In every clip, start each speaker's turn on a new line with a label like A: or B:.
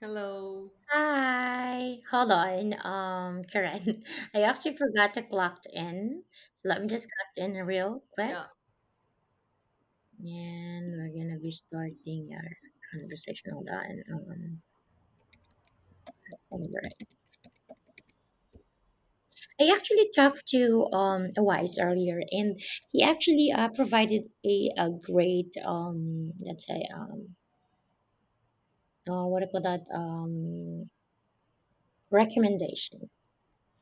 A: Hello.
B: Hi. Hold on, Karen. I actually forgot to clock in. So let me just clock in real quick,
A: Yeah.
B: and we're gonna be starting our conversation. Hold on. Over. I actually talked to a wise earlier, and he actually provided a great let's say what do you call that recommendation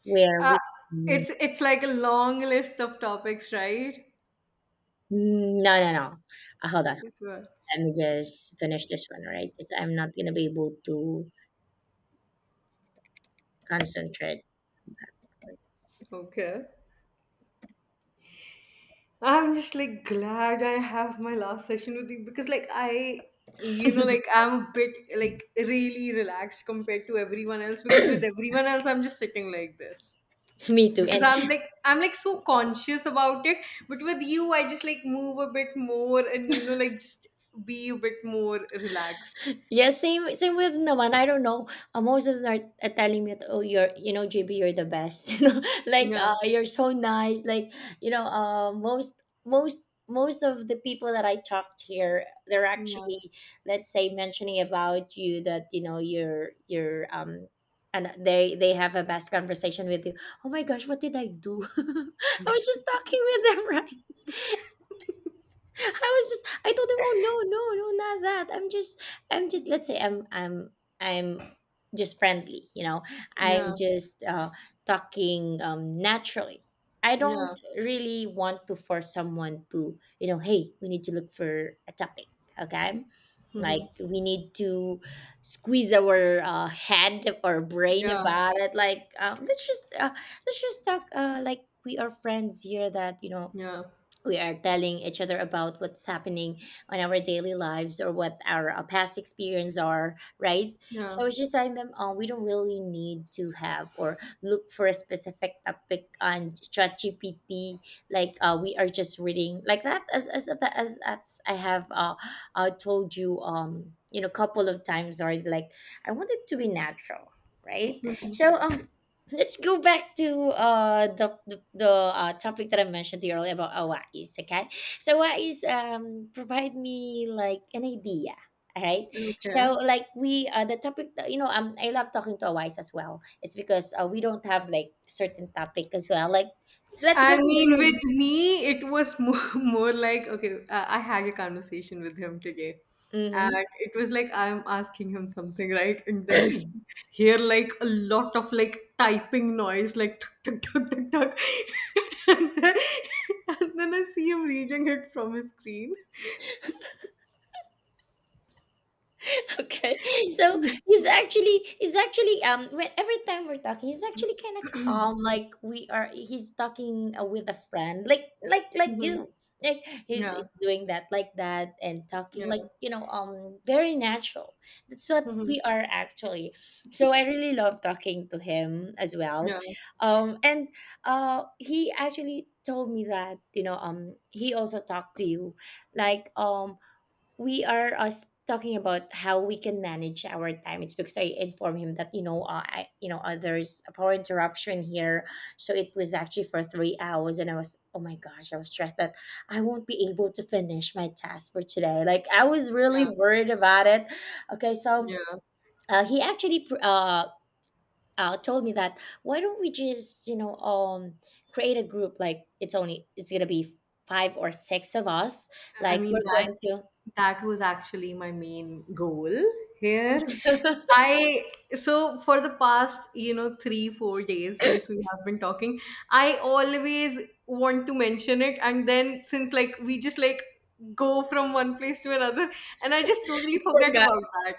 B: where
A: Uh,
B: we mm,
A: it's like a long list of topics, right?
B: no, no, no, hold on,
A: Yes, well.
B: let me just finish this one, right? Because I'm not gonna be able to concentrate.
A: Okay. I'm just like glad I have my last session with you, because like I like I'm a bit like really relaxed compared to everyone else, because with everyone else I'm just sitting like this.
B: Me too.
A: Because
B: And
A: I'm like so conscious about it, but with you I just like move a bit more and like just be a bit more relaxed.
B: yes, same with naman. I don't know. Most of them are telling me that, "Oh, you're, you know, JB, you're the best. You know, like
A: Yeah.
B: you're so nice. Like you know, most of the people that I talked here, they're
A: Yeah.
B: actually let's say mentioning about you that you know you're um, and they have a best conversation with you. Oh my gosh, what did I do? I was just talking with them, right? I was just I told him, "Oh, no, no, no, not that. I'm just let's say I'm just friendly, you know. I'm
A: Yeah.
B: just talking naturally. I
A: Yeah.
B: don't really want to force someone to, you know, hey, we need to look for a topic, okay? Like
A: Mhm.
B: we need to squeeze our head or brain
A: Yeah.
B: about it. Like let's just talk like we are friends here. That you know
A: Yeah.
B: we are telling each other about what's happening on our daily lives or what our past experience are, right?
A: Yeah.
B: So I was just telling them, we don't really need to have or look for a specific topic on ChatGPT. Like we are just reading like that, as as I have told you, you know, a couple of times, or like I want it to be natural, right?
A: Mhm.
B: So let's go back to the topic that I mentioned to you earlier about Hawaii's. Okay, so Hawaii's provide me like an idea. All right,
A: Okay.
B: so like we the topic that- you know I love talking to Hawaii's as well. It's because we don't have like certain topic as well. Like let's go to
A: I
B: the
A: mean,
B: room.
A: with me, it was more, more like, okay, I had a conversation with him today.
B: Mm-hmm.
A: And it was like I'm asking him something, right? And then hear like a lot of like typing noise, like tuk tuk tuk tuk tuk. and, then, and then I see him reading it from his screen.
B: Okay, so he's actually when every time we're talking, he's actually kind of calm, like we are, he's talking with a friend, like like
A: Mhm.
B: you, like
A: Yeah,
B: he's doing that like that and talking like
A: yeah.
B: you know very natural. That's what
A: Mhm.
B: we are actually. So I really love talking to him as well.
A: Yeah,
B: And he actually told me that you know he also talked to you, like we are, us talking about how we can manage our time. It's because I informed him that you know, I, you know, there's a power interruption here, so it was actually for 3 hours, and I was, oh my gosh, I was stressed that I won't be able to finish my task for today. Like I was really
A: yeah,
B: worried about it. Okay, so
A: yeah.
B: he told me that, why don't we just, you know, create a group, like it's only, it's gonna be five or six of us,
A: I
B: like
A: mean,
B: we're
A: that
B: going to
A: that was actually my main goal here. I so for the past three, 4 days since we have been talking, I always want to mention it, and then since like we just like go from one place to another, and I just totally
B: we're
A: forget about that.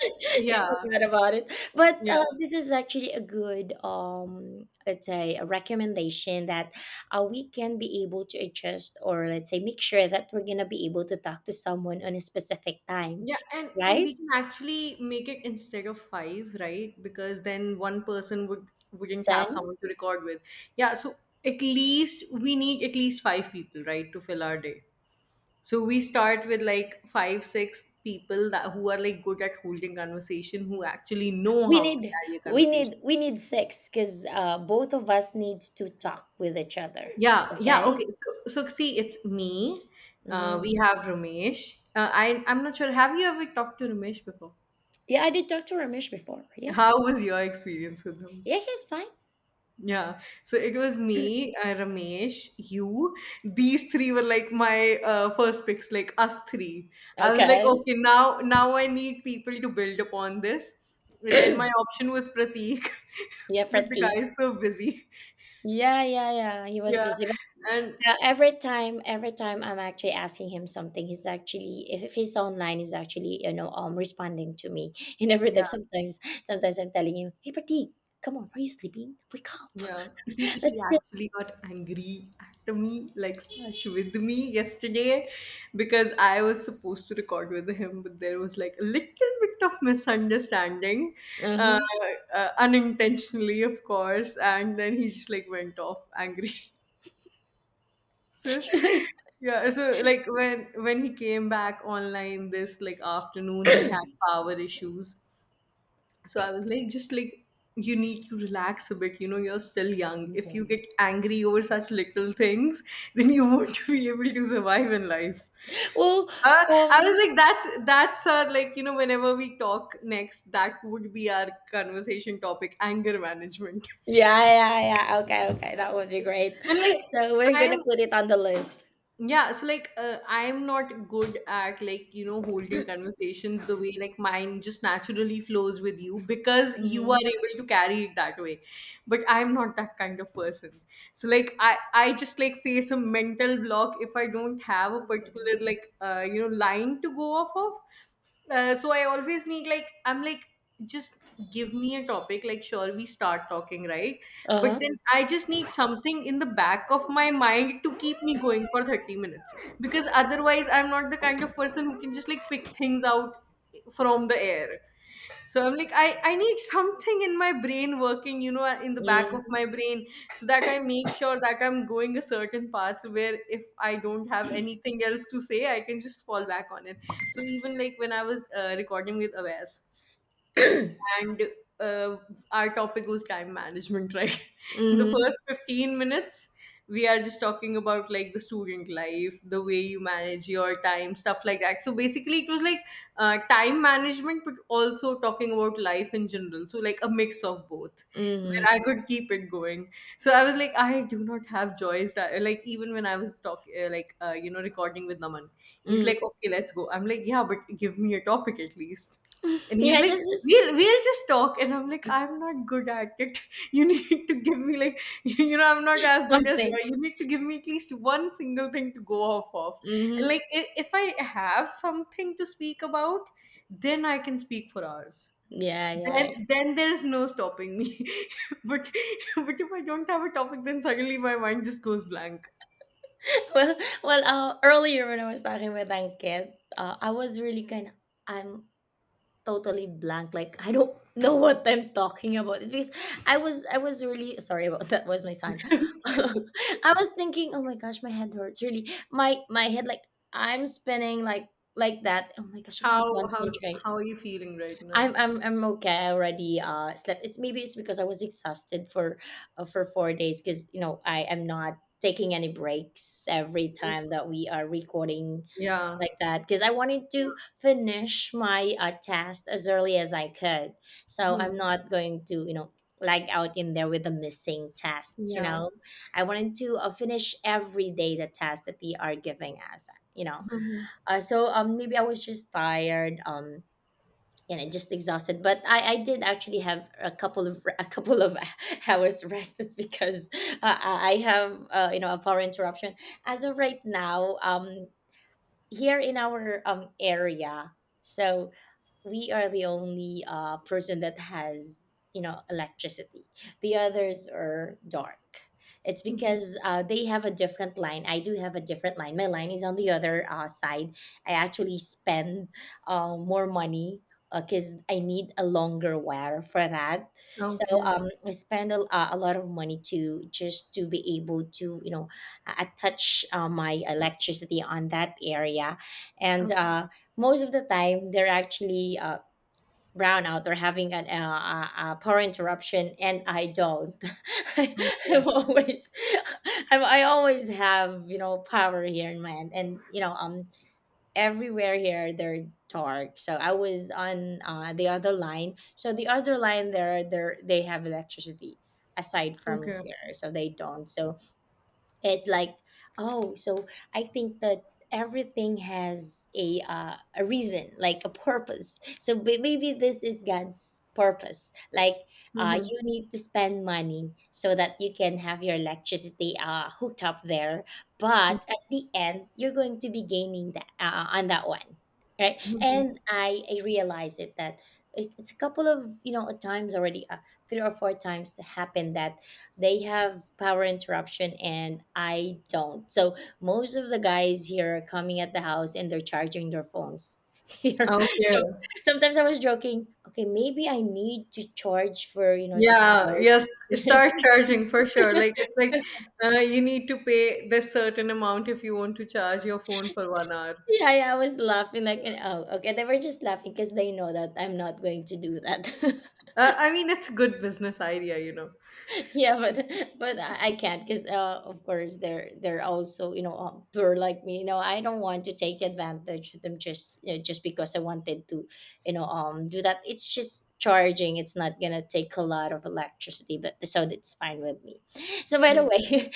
B: you
A: Yeah.
B: forgot about it. But
A: Yeah.
B: this is actually a good, let's say, a recommendation that we can be able to adjust, or let's say, make sure that we're gonna be able to talk to someone on a specific time,
A: Yeah, and
B: right?
A: we can actually make it instead of five, right? Because then one person wouldn't have
B: Then
A: someone to record with. Yeah, so at least we need at least five people, right, to fill our day. So we start with like five, six people that, who are like good at holding conversation, who actually know
B: we
A: how to
B: need
A: carry a
B: we
A: conversation.
B: need we need sex because both of us need to talk with each other.
A: Yeah, yeah,
B: Okay.
A: okay. So see, it's me.
B: Hmm.
A: We have Ramesh. I'm not sure. Have you ever talked to Ramesh before?
B: Yeah, I did talk to Ramesh before. Yeah,
A: How was your experience with him?
B: yeah, he's fine.
A: Yeah. So it was me, Ramesh, you. These three were like my first picks, like us three. I was like,
B: Okay.
A: okay, now I need people to build upon this. But then my option was Prateek,
B: Yeah,
A: but the guy
B: pretty.
A: is so busy.
B: Yeah, yeah, yeah. He was
A: Yeah.
B: busy.
A: And
B: Yeah, every time I'm actually asking him something, he's actually, if he's online, he's actually, you know, responding to me. And every time,
A: yeah.
B: sometimes, sometimes I'm telling him, "Hey, Pratik, come on, are you sleeping? Wake up,
A: Yeah, he he
B: let's sit."
A: actually got angry at me, like, slash with me yesterday, because I was supposed to record with him, but there was like a little bit of misunderstanding, uh,
B: Uh-huh.
A: unintentionally, of course, and then he just like went off angry. So yeah, so like when he came back online this like afternoon, he had power issues. So I was like, just like, you need to relax a bit, you're still young. If you get angry over such little things then you won't be able to survive in life.
B: Well,
A: I
B: um,
A: was like, that's our, like, whenever we talk next, that would be our conversation topic, anger management.
B: yeah, yeah, yeah. Okay, okay, that would be great.
A: And like,
B: So we're gonna
A: I'm,
B: put it on the list.
A: yeah, so like I'm not good at like holding conversations the way like mine just naturally flows with you, because you are
B: Mm-hmm.
A: able to carry it that way, but I'm not that kind of person. So like I just like face a mental block if I don't have a particular like line to go off of. So I always need, like, I'm like, just give me a topic, like, sure, we start talking, right?
B: Uh
A: But
B: huh.
A: then I just need something in the back of my mind to keep me going for 30 minutes, because otherwise I'm not the kind of person who can just like pick things out from the air. So I'm like, I need something in my brain working, in the back of
B: Mm-hmm.
A: my brain, so that I make sure that I'm going a certain path where if I don't have anything else to say, I can just fall back on it. So even like when I was recording with Awes, and uh, our topic was time management, right? In the
B: Mm-hmm.
A: first 15 minutes we are just talking about like the student life, the way you manage your time, stuff like that. So basically it was like time management but also talking about life in general, so like a mix of both, where I could keep it going. So I was like, I do not have joys that. Like, even when I was talking like recording with Naman, he's like,
B: Mm-hmm.
A: okay, let's go. I'm like, yeah, but give me a topic at least. And he's
B: Yeah,
A: like,
B: just
A: we'll just talk. And I'm like, I'm not good at it. You need to give me like I'm not as good as
B: something.
A: Joy. You need to give me at least one single thing to go off of. And
B: Mhm.
A: like, if I have something to speak about, then I can speak for hours.
B: Yeah, yeah.
A: then then there is no stopping me. But if I don't have a topic, then suddenly my mind just goes blank.
B: Well, well, earlier when I was talking with Angkit, I was really kind of, I'm totally blank. Like I don't know what I'm talking about. It's because I was really sorry about that. Was my son? I was thinking, oh my gosh, my head hurts. Really, my head like I'm spinning like that. Oh my gosh, I can't
A: how how
B: concentrate.
A: how are you feeling right now?
B: I'm okay. I already slept. It's, maybe it's because I was exhausted for 4 days, because you know I am not taking any breaks every time that we are recording
A: Yeah.
B: like that, because I wanted to finish my task as early as I could. So
A: Hmm.
B: I'm not going to, you know, lag out in there with a missing task. You
A: Yeah.
B: know, I wanted to finish every day the task that they are giving us. You know,
A: Mhm.
B: so maybe I was just tired. And I just exhausted. But I did actually have a couple of hours rested, because I have, you know, a power interruption as of right now. Here in our area, so we are the only person that has, you know, electricity. The others are dark. It's
A: Mhm.
B: because they have a different line. I do have a different line. My line is on the other side. I actually spend more money because I need a longer wire for that. So
A: Okay,
B: I spend a lot of money to just to be able to, you know, attach my electricity on that area. And
A: okay,
B: most of the time they're actually brownout or having an power interruption, and I don't.
A: okay.
B: I'm always, I'm, I always have, you know, power here in my end, and you know everywhere here they're dark, so I was on the other line. So the other line, there they have electricity aside from
A: Okay.
B: here, so they don't. So it's like, oh, so I think that everything has a reason, like a purpose. So maybe this is god's purpose, like
A: Mhm.
B: you need to spend money so that you can have your electricity hooked up there,
A: Mhm.
B: but at the end you're going to be gaining that on that one, right?
A: Mhm.
B: And I realize it, that it- it's a couple of, you know, times already. Three or four times happened that they have power interruption and I don't. So most of the guys here are coming at the house and they're charging their phones here.
A: Okay.
B: So sometimes I was joking, okay, maybe I need to charge for, you know, the
A: Yeah. Yes.
B: charge.
A: Start charging for sure. Like, it's like, you need to pay this certain amount if you want to charge your phone for 1 hour.
B: Yeah, yeah, I was laughing like, and- oh, okay. They were just laughing because they know that I'm not going to do that.
A: I mean, it's a good business idea.
B: Yeah, but I can't, because of course they're also, you know, poor like me. You know, I don't want to take advantage of them just, you know, just because I wanted to, you know, do that. It's just charging, it's not gonna take a lot of electricity, but, so that's fine with me. So by the
A: Hmm.
B: way,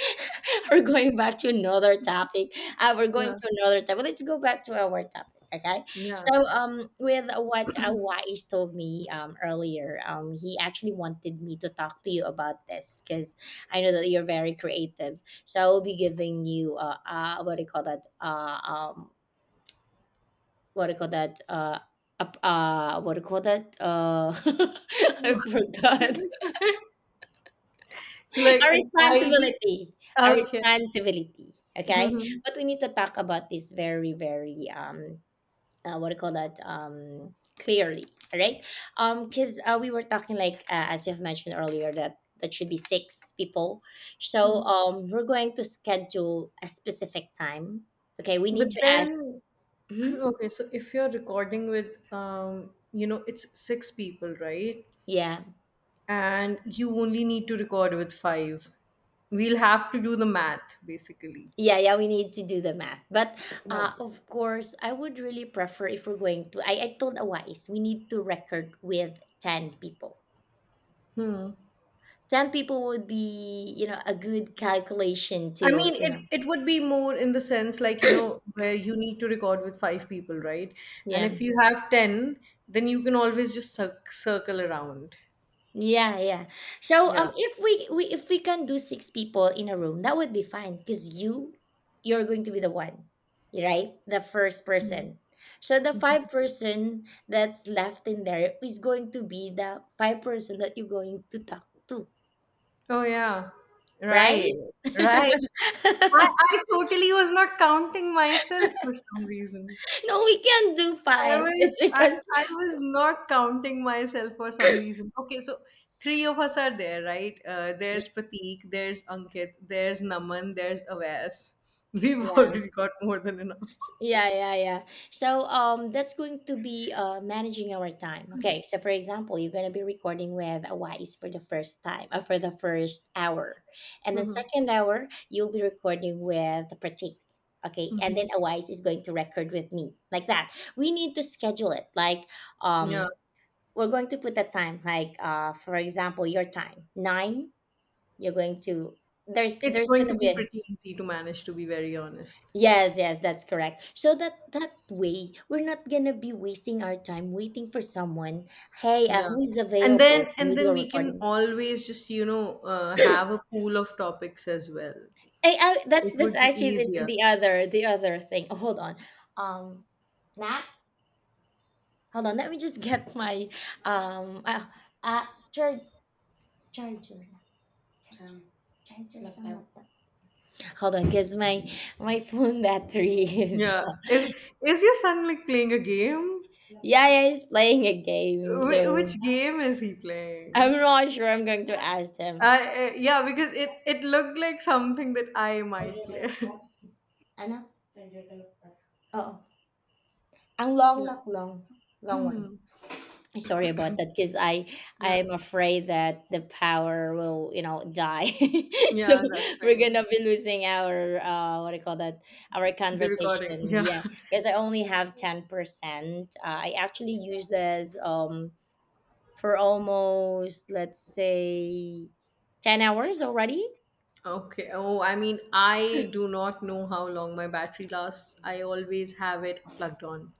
B: we're going back to another topic. We're going
A: Yeah.
B: to another topic, let's go back to our topic. Okay,
A: Yeah.
B: so, with what Wise told me, earlier, he actually wanted me to talk to you about this, because I know that you're very creative. So I will be giving you what do you call that? Um, what do you call that? What do you call that? I forgot.
A: So
B: A
A: like an ID.
B: responsibility, a
A: Okay.
B: responsibility. Okay,
A: Mhm.
B: but we need to talk about this very, very what do you call that, clearly, all right? Because we were talking like, as you have mentioned earlier, that that should be six people. So we're going to schedule a specific time. Okay, we
A: But
B: need to ask.
A: then,
B: Mhm.
A: okay. So if you're recording with, it's six people, right?
B: yeah
A: And you only need to record with five. We'll have to do the math basically.
B: yeah, yeah, we need to do the math. But
A: Yeah.
B: of course I would really prefer if we're going to, I told awise we need to record with 10 people.
A: Hmm.
B: 10 people would be, you know, a good calculation to,
A: I mean,
B: you
A: it,
B: know,
A: it would be more in the sense like, where you need to record with five people, right? And
B: yeah.
A: if you have 10, then you can always just circle around.
B: Yeah, yeah. So
A: Yeah.
B: um if we, we if we can do six people in a room, that would be fine because you're going to be the one, right? The first
A: Mhm.
B: person. So the five-person that's left in there is going to be the five person that you're going to talk to,
A: Oh, yeah.
B: right?
A: Right. Right. I totally was not counting myself for some reason.
B: No, we can't do
A: I
B: five.
A: was
B: It's
A: I,
B: because
A: I was not counting myself for some reason. Okay, so three of us are there, right?
B: yeah.
A: There's Pratik, there's Ankit, there's Naman, there's Avas. We've
B: Yeah.
A: already got more than enough.
B: Yeah, yeah, yeah. So that's going to be managing our time. Okay. So for example, you're gonna be recording with a wise for the first time or for the first hour. And the
A: Mhm.
B: second hour, you'll be recording with the critique. Okay. And then a wise is going to record with me. Like that. We need to schedule it. Like um
A: Yeah.
B: we're going to put a time, like for example, your time. Nine, you're going to
A: It's
B: there's
A: going to
B: gonna be
A: be
B: a
A: pretty easy to manage, to be very honest.
B: yes, yes, that's correct. So that that way, we're not gonna be wasting our time waiting for someone. Hey,
A: Yeah.
B: who is
A: And
B: available?
A: then
B: Can we
A: and
B: do
A: then
B: a
A: we can
B: recording?
A: always just, have a pool of topics as well.
B: Hey, that's
A: It
B: that's
A: would be
B: actually this,
A: easier.
B: the other thing. Oh, hold on. Um, nah. Hold on. Let me just get my um uh, uh charger charger charger charger somewhat. Hold on, cause my phone battery is
A: Yeah. Is your son like playing a game?
B: yeah, yeah, he's playing a game. So
A: Which game is he
B: I'm
A: playing?
B: not sure. I'm going to ask him.
A: Yeah, because it looked like something that I might play.
B: Ano? Oo. Ang long
A: Yeah.
B: knock long, long one. Sorry about that because
A: Yeah,
B: I'm afraid that the power will die, so
A: yeah. That's
B: we're
A: fine.
B: gonna be losing our what do you call that, our
A: The recording.
B: conversation.
A: Yeah.
B: Yeah, because I only have 10%. I actually use this for almost, let's say, 10 hours already.
A: Okay. Oh, I mean, I do not know how long my battery lasts. I always have it plugged on.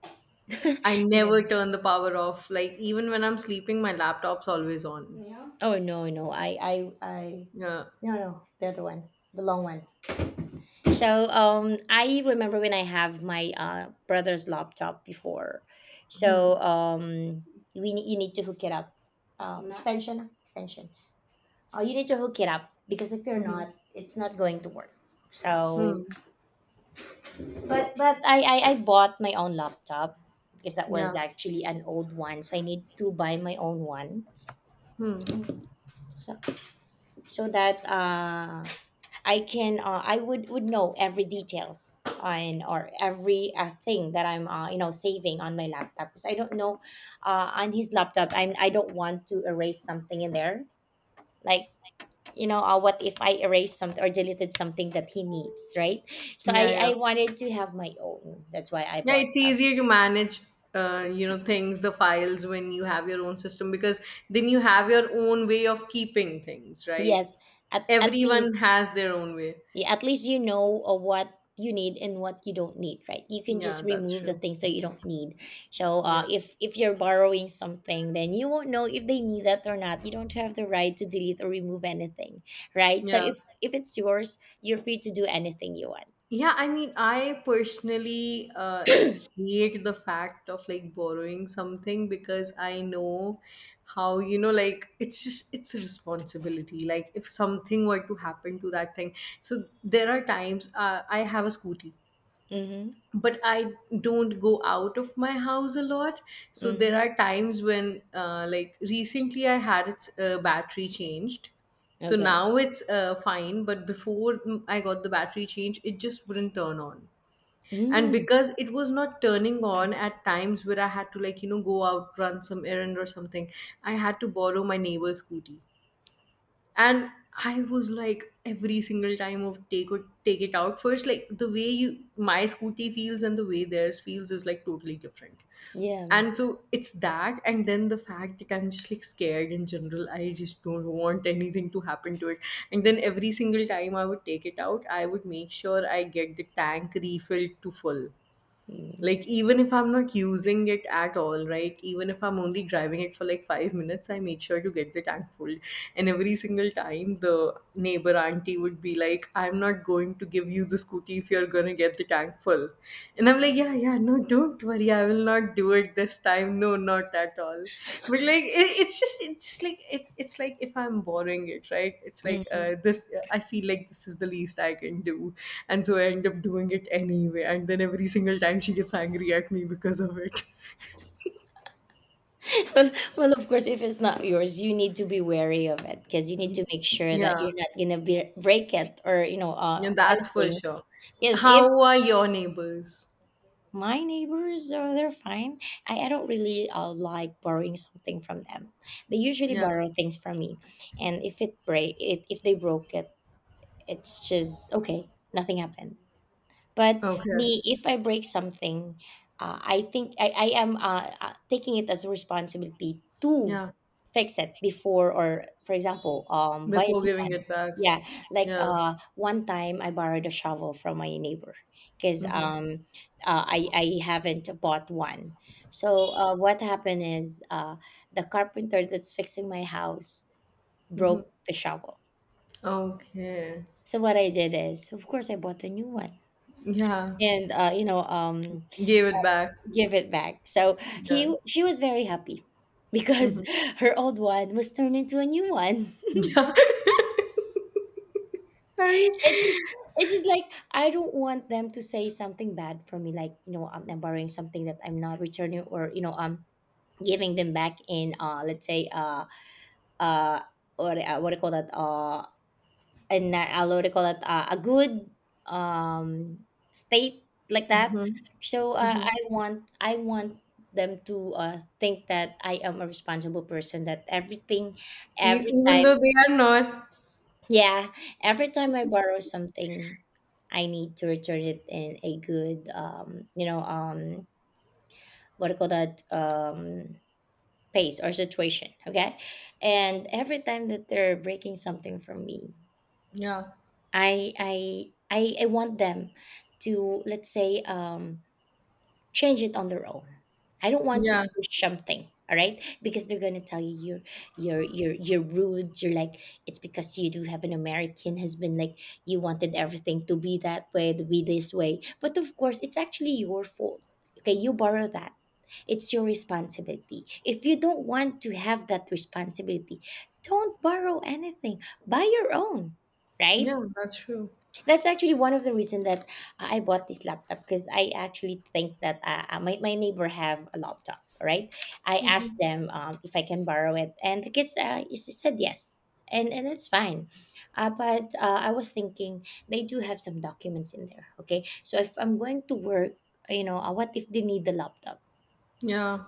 A: I
B: Yeah.
A: never turn the power off. Like, even when I'm sleeping, my laptop's always on.
B: Oh no, no,
A: Yeah.
B: no, no, the other one, the long one. So, I remember when I have my brother's laptop before. So,
A: Hmm.
B: you need to hook it up. Extension, Oh, you need to hook it up because if you're
A: Hmm.
B: not, it's not going to work. So,
A: Hmm.
B: I bought my own laptop because that was
A: Yeah.
B: actually an old one. So I need to buy my own one,
A: Hmm.
B: so, so that I can I would know every details, and or every thing that I'm you know, saving on my laptop because I don't know, on his laptop, I don't want to erase something in there, like, you know, what if I erased something or deleted something that he needs, right? So
A: Yeah. Yeah.
B: I wanted to have my own, that's why I
A: Yeah,
B: bought
A: it's
B: up.
A: easier to manage, things, the files, when you have your own system, because then you have your own way of keeping things, right?
B: Yes, at
A: Everyone
B: least.
A: has their own way.
B: Yeah, at least you know what you need and what you don't need, right? You can
A: Yeah,
B: just
A: that's
B: remove the
A: true.
B: things that you don't need. So
A: Yeah,
B: if you're borrowing something, then you won't know if they need that or not. You don't have the right to delete or remove anything, right? So
A: yeah,
B: if it's yours, you're free to do anything you want.
A: yeah. I mean, I personally hate the fact of like borrowing something, because I know how, like, it's just, it's a responsibility. Like, if something were to happen to that thing. So there are times, I have a scooty,
B: Mm-hmm.
A: but I don't go out of my house a lot. So there
B: Mm-hmm.
A: are times when like recently I had its battery changed. So
B: Okay.
A: now it's fine, but before I got the battery change, it just wouldn't turn on. And
B: Mm-hmm.
A: because it was not turning
B: Mm-hmm.
A: on at times where I had to, like, go out, run some errand or something, I had to borrow my neighbor's scooty. And I was like, every single time, of take, or take it out first, like the way you, my scooty feels and the way theirs feels is like totally different.
B: Yeah.
A: And so it's that, and then the fact that I'm just like scared in general, I just don't want anything to happen to it. And then every single time I would take it out, I would make sure I get the tank refilled to full.
B: Mm-hmm.
A: Like, even if I'm not using it at all, right? Even if I'm only driving it for like 5 minutes, I make sure to get the tank full. And every single time the neighbor auntie would be like, I'm not going to give you the scooty if you're going to get the tank full. And I'm like, yeah, yeah, no, don't, Mary, I will not do it this time. No, not at all. But like, it's just, it's like, it's like, if I'm borrowing it, right? It's like,
B: Mm-hmm.
A: this. I feel like this is the least I can do, and so I end up doing it anyway. And then every single time she gets angry at me because of it.
B: well, well, of course, if it's not yours, you need to be wary of it because you need to make sure that
A: Yeah,
B: you're not gonna be, break it, or you know,
A: yeah, that's for
B: anything.
A: sure.
B: Because if
A: How are your neighbors?
B: my neighbors are, they're fine. I don't really like borrowing something from them. They usually
A: Yeah.
B: borrow things from me, and if it break, if they broke it, it's just okay, nothing happened. But
A: Okay.
B: me, if I break something, I think I am taking it as a responsibility to
A: Yeah.
B: fix it before, or for example, buy a
A: Before
B: new
A: giving
B: one.
A: it back.
B: Yeah, like
A: Yeah.
B: one time I borrowed a shovel from my neighbor because
A: Mm-hmm.
B: I haven't bought one. So what happened is the carpenter that's fixing my house
A: Mm-hmm.
B: broke the shovel.
A: Okay.
B: So what I did is, of course, I bought a new one,
A: Yeah.
B: and you know,
A: Gave it back.
B: give it back. So
A: Yeah.
B: he, she was very happy because
A: Mhm.
B: her old one was turned into a new one.
A: Yeah. Sorry.
B: It just it's just like I don't want them to say something bad for me, like you know, I'm borrowing something that I'm not returning, or you know, I'm giving them back in let's say uh what do you call that, in a what do you call it, a good um state, like that.
A: Mhm.
B: So
A: Mhm.
B: I want them to think that I am a responsible person, that everything,
A: E
B: every
A: even
B: time,
A: though they are not.
B: yeah, every time I borrow something, I need to return it in a good, you know, what do you call that pace or situation. Okay. And every time that they're breaking something from me,
A: Yeah.
B: I I I want them to, let's say, change it on their own. I don't want to
A: Yeah.
B: push something. All right, because they're gonna tell you, you're rude. You're like, it's because you do have an American husband. Like, you wanted everything to be that way, to be this way. But of course, it's actually your fault. Okay, you borrow that. It's your responsibility. If you don't want to have that responsibility, don't borrow anything. Buy your own, right?
A: Yeah, that's true.
B: That's actually one of the reason that I bought this laptop, because I actually think that my neighbor have a laptop, right? I asked them if I can borrow it, and the kids said yes, and that's fine. But I was thinking they do have some documents in there, okay? So if I'm going to work, you know, what if they need the laptop?
A: Yeah.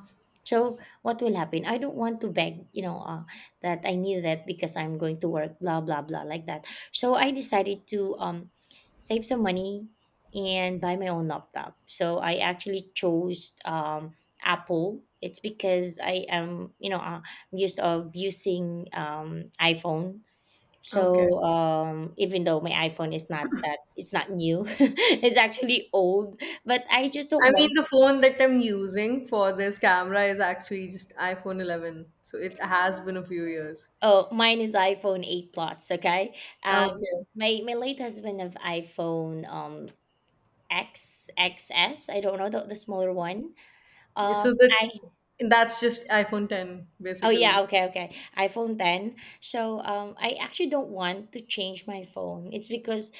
B: So what will happen? I don't want to beg, you know, that I need that because I'm going to work, blah blah blah, like that. So I decided to, save some money and buy my own laptop. So I actually chose, Apple. It's because I am, you know, I'm used of using, iPhone.
A: Okay.
B: So even though my iPhone is not that, it's not new, it's actually old. But I just don't
A: I mean,
B: want.
A: the phone that I'm using for this camera is actually just iPhone 11. So it has been a few years.
B: Oh, mine is iPhone 8 Plus, okay? Um,
A: Okay.
B: my my late husband of iPhone X XS, I don't know the smaller one.
A: Yeah, so that
B: I
A: that's just iPhone 10
B: oh yeah,
A: basically.
B: okay, okay. iPhone 10. So I actually don't want to change my phone. It's because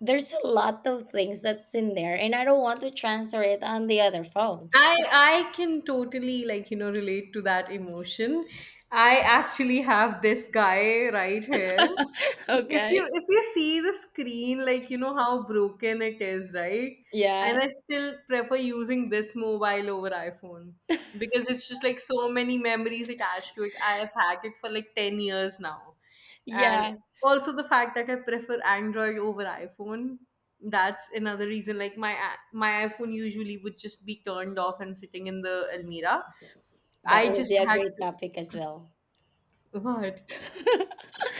B: there's a lot of things that's in there and I don't want to transfer it on the other phone.
A: I can totally like relate to that emotion. I actually have this guy right here. If you
B: Okay.
A: if you see the screen, like you know how broken it is, right?
B: Yeah.
A: And I still prefer using this mobile over iPhone because it's just like so many memories attached to it. I have had it for like 10 years now. And
B: Yeah.
A: also the fact that I prefer Android over iPhone, that's another reason. Like my iPhone usually would just be turned off and sitting in the Almira.
B: That
A: I
B: would
A: just
B: be a
A: had
B: great
A: to
B: topic as well.
A: what?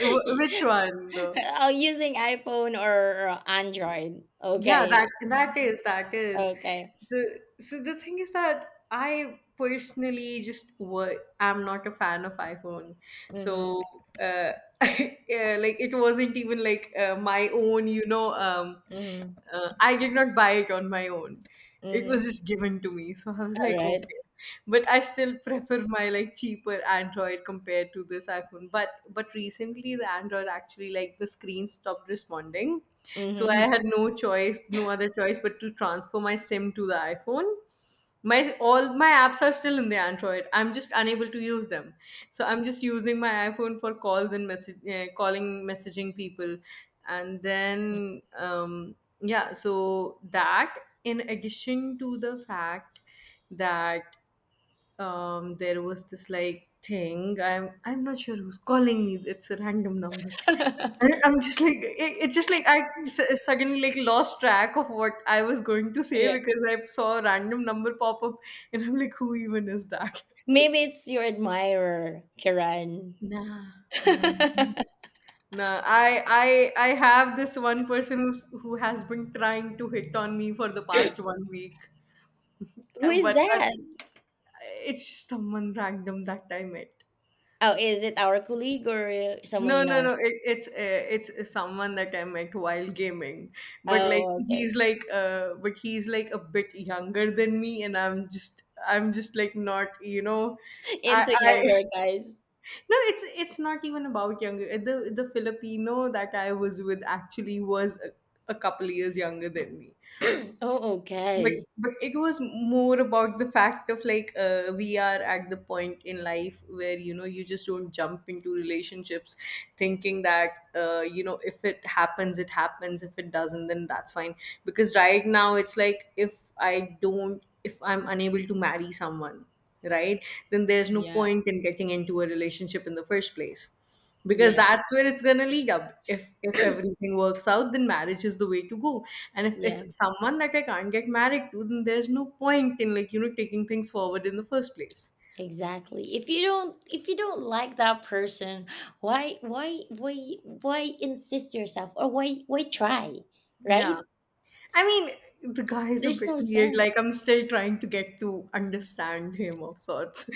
A: Which one though?
B: Oh, using iPhone or Android.
A: Yeah, that
B: Okay. Mhm.
A: that is
B: Okay.
A: the so the thing is that I personally just what I'm not a fan of iPhone,
B: Mm-hmm.
A: so uh, yeah, like it wasn't even like my own. Um,
B: Mm-hmm.
A: uh, I did not buy it on my own, it
B: Mm-hmm.
A: was just given to me. So I was
B: All
A: like,
B: right.
A: okay. But I still prefer my like cheaper Android compared to this iPhone. But recently the Android actually like the screen stopped responding. So I
B: Mm-hmm.
A: had no choice, no other choice but to transfer my SIM to the iPhone. My all my apps are still in the Android, I'm just unable to use them, so I'm just using my iPhone for calls and message calling, messaging people. And then, yeah, so that, in addition to the fact that, there was this like thing, I'm not sure who's calling me, it's a random number. And I'm just like it's just like suddenly like lost track of what I was going to say
B: Yeah.
A: because I saw a random number pop up and I'm like, who even is that?
B: Maybe it's your admirer, Kiran.
A: Nah, nah, nah, I have this one person who has been trying to hit on me for the past one week.
B: Who
A: Uh,
B: is
A: but uh,
B: that?
A: it's just someone random that I met.
B: Oh, is it our colleague or someone
A: No,
B: you
A: no,
B: know?
A: no. It's someone that I met while gaming, but like
B: Oh, okay.
A: he's like but he's like a bit younger than me, and I'm just like, not, you know, I
B: Into
A: I
B: younger guys.
A: no. It's not even about younger. The Filipino that I was with actually was a couple years younger than me,
B: Oh,
A: but
B: okay.
A: but it was more about the fact of like we are at the point in life where, you know, you just don't jump into relationships thinking that, if it happens, it happens, if it doesn't, then that's fine, because right now it's like, if I'm unable to marry someone, right, then there's no
B: Yeah.
A: point in getting into a relationship in the first place. Because
B: Yeah.
A: that's where it's gonna lead up. If everything works out, then marriage is the way to go. And if
B: Yeah.
A: it's someone that I can't get married to, then there's no point in taking things forward in the first place.
B: Exactly. If you don't like that person, why why why why insist yourself, or why try? Right?
A: Yeah. I mean, the guy is a
B: There's
A: bit
B: no
A: weird.
B: sense.
A: Like, I'm still trying to get to understand him, of sorts.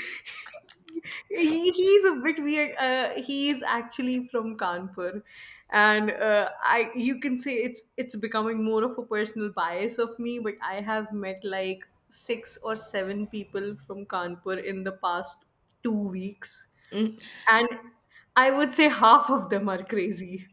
A: He's a bit weird. He is actually from Kanpur, and I you can say it's becoming more of a personal bias of me. But I have met like six or seven people from Kanpur in the past 2 weeks,
B: Mm.
A: and I would say half of them are crazy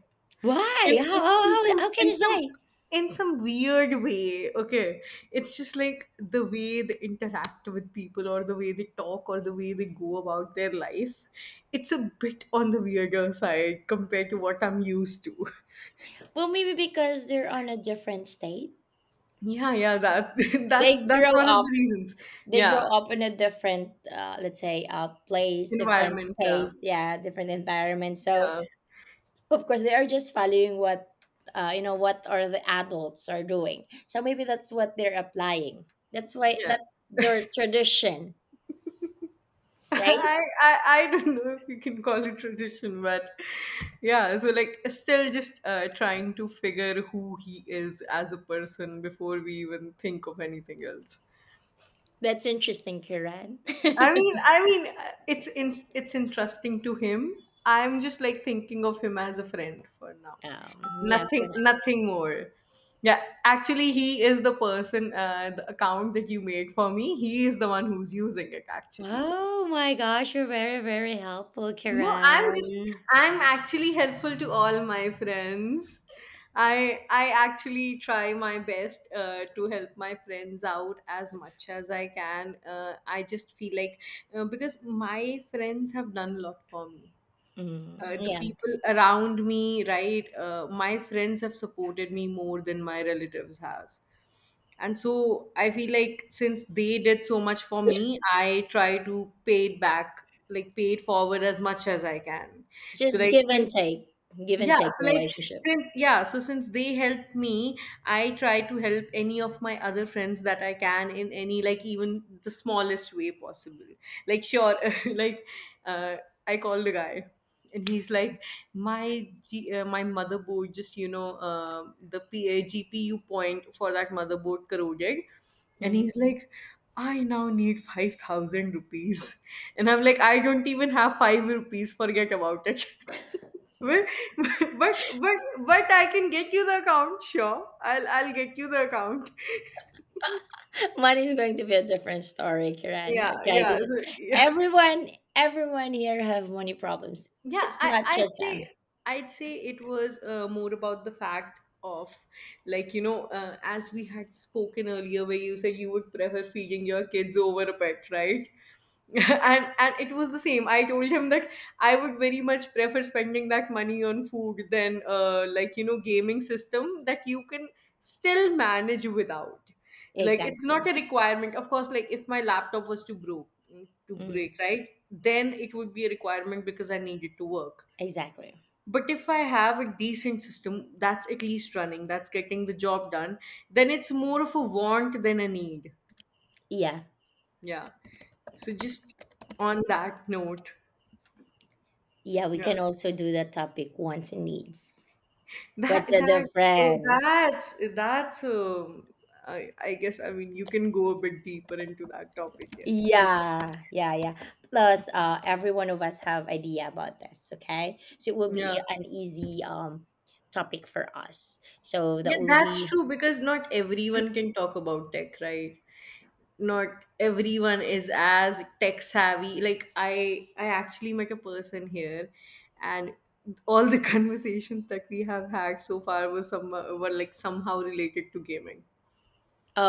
A: in,
B: Why?
A: in in
B: How
A: some
B: can
A: in
B: you
A: some
B: say?
A: in some weird way. Okay, it's just like the way they interact with people, or the way they talk, or the way they go about their life. It's a bit on the weirder side compared to what I'm used to.
B: Well, maybe because they're on a different state.
A: Yeah, yeah, that that's
B: They
A: that's
B: grow
A: one of
B: up.
A: the reasons.
B: They grow
A: Yeah.
B: up in a different, let's say, place, different
A: Environment, yeah.
B: pace, yeah, different environment. So
A: Yeah.
B: of course they are just following what, you know, what are the adults are doing, so maybe that's what they're applying, that's why
A: yeah
B: that's their tradition, right?
A: I, I I don't know if you can call it tradition, but yeah. So like, still just trying to figure who he is as a person before we even think of anything else.
B: That's interesting, Kiran.
A: I mean, I mean, it's interesting to him. I'm just like thinking of him as a friend for now.
B: um yeah, for
A: Nothing,
B: now.
A: nothing more. Yeah, actually, he is the person, the account that you made for me. He is the one who's using it. Actually,
B: Oh my gosh, you're very very helpful,
A: no,
B: Kiran.
A: I'm actually helpful to all my friends. I actually try my best to help my friends out as much as I can. I just feel like, because my friends have done a lot for me,
B: Mm,
A: the
B: yeah,
A: people around me, right? My friends have supported me more than my relatives has. And so I feel like, since they did so much for me, I try to pay it back, like pay it forward as much as I can. So
B: just
A: like
B: give and
A: since
B: take, give and
A: Yeah,
B: take
A: so like
B: relationship.
A: since yeah, so since they helped me, I try to help any of my other friends that I can in any, like, even the smallest way possible. Like, sure, like uh, I called the guy and he's like, my motherboard just the GPU point for that motherboard corroded, and
B: Mm-hmm.
A: he's like, I now need 5,000 rupees, and I'm like, I don't even have 5 rupees, forget about it. Well, but but but I can get you the account, sure. I'll get you the account.
B: Mine is going to be a different story, Kiran.
A: Yeah,
B: Okay,
A: yeah.
B: because
A: So, yeah.
B: everyone, everyone here have money problems.
A: Yeah,
B: It's not just them.
A: I'd say it was more about the fact of, like, as we had spoken earlier where you said you would prefer feeding your kids over a pet, right? And it was the same, I told him that I would very much prefer spending that money on food than, like, gaming system that you can still manage without. Like, it's not
B: Exactly.
A: a requirement. Of course, like, if my laptop was to
B: Mm,
A: break, right? Then it would be a requirement because I need it to work.
B: exactly.
A: But if I have a decent system that's at least running, that's getting the job done, then it's more of a want than a need.
B: Yeah.
A: Yeah. So, just on that note,
B: Yeah, we
A: yeah.
B: can also do that topic, wants and needs.
A: That
B: What's the
A: that oh,
B: difference?
A: that's that's I guess, I mean, you can go a bit deeper into that topic. Yes, you can.
B: Yeah, yeah, yeah. Plus, every one of us have idea about this. Okay, so it will be
A: Yeah,
B: an easy topic for us. So
A: yeah,
B: that will
A: that's
B: be.
A: true, because not everyone can talk about tech, right? Not everyone is as tech savvy. Like, I actually met a person here, and all the conversations that we have had so far was some were somehow related to gaming.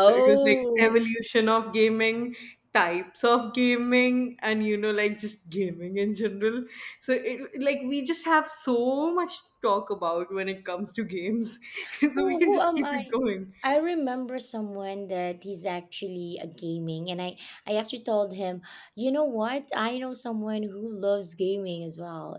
A: So it was like evolution of gaming, types of gaming, and like, just gaming in general. So it like we just have so much to talk about when it comes to games. So we can
B: who
A: just
B: am
A: keep it
B: I?
A: going.
B: I remember someone that he's actually a gaming, and I actually told him, you know what? I know someone who loves gaming as well.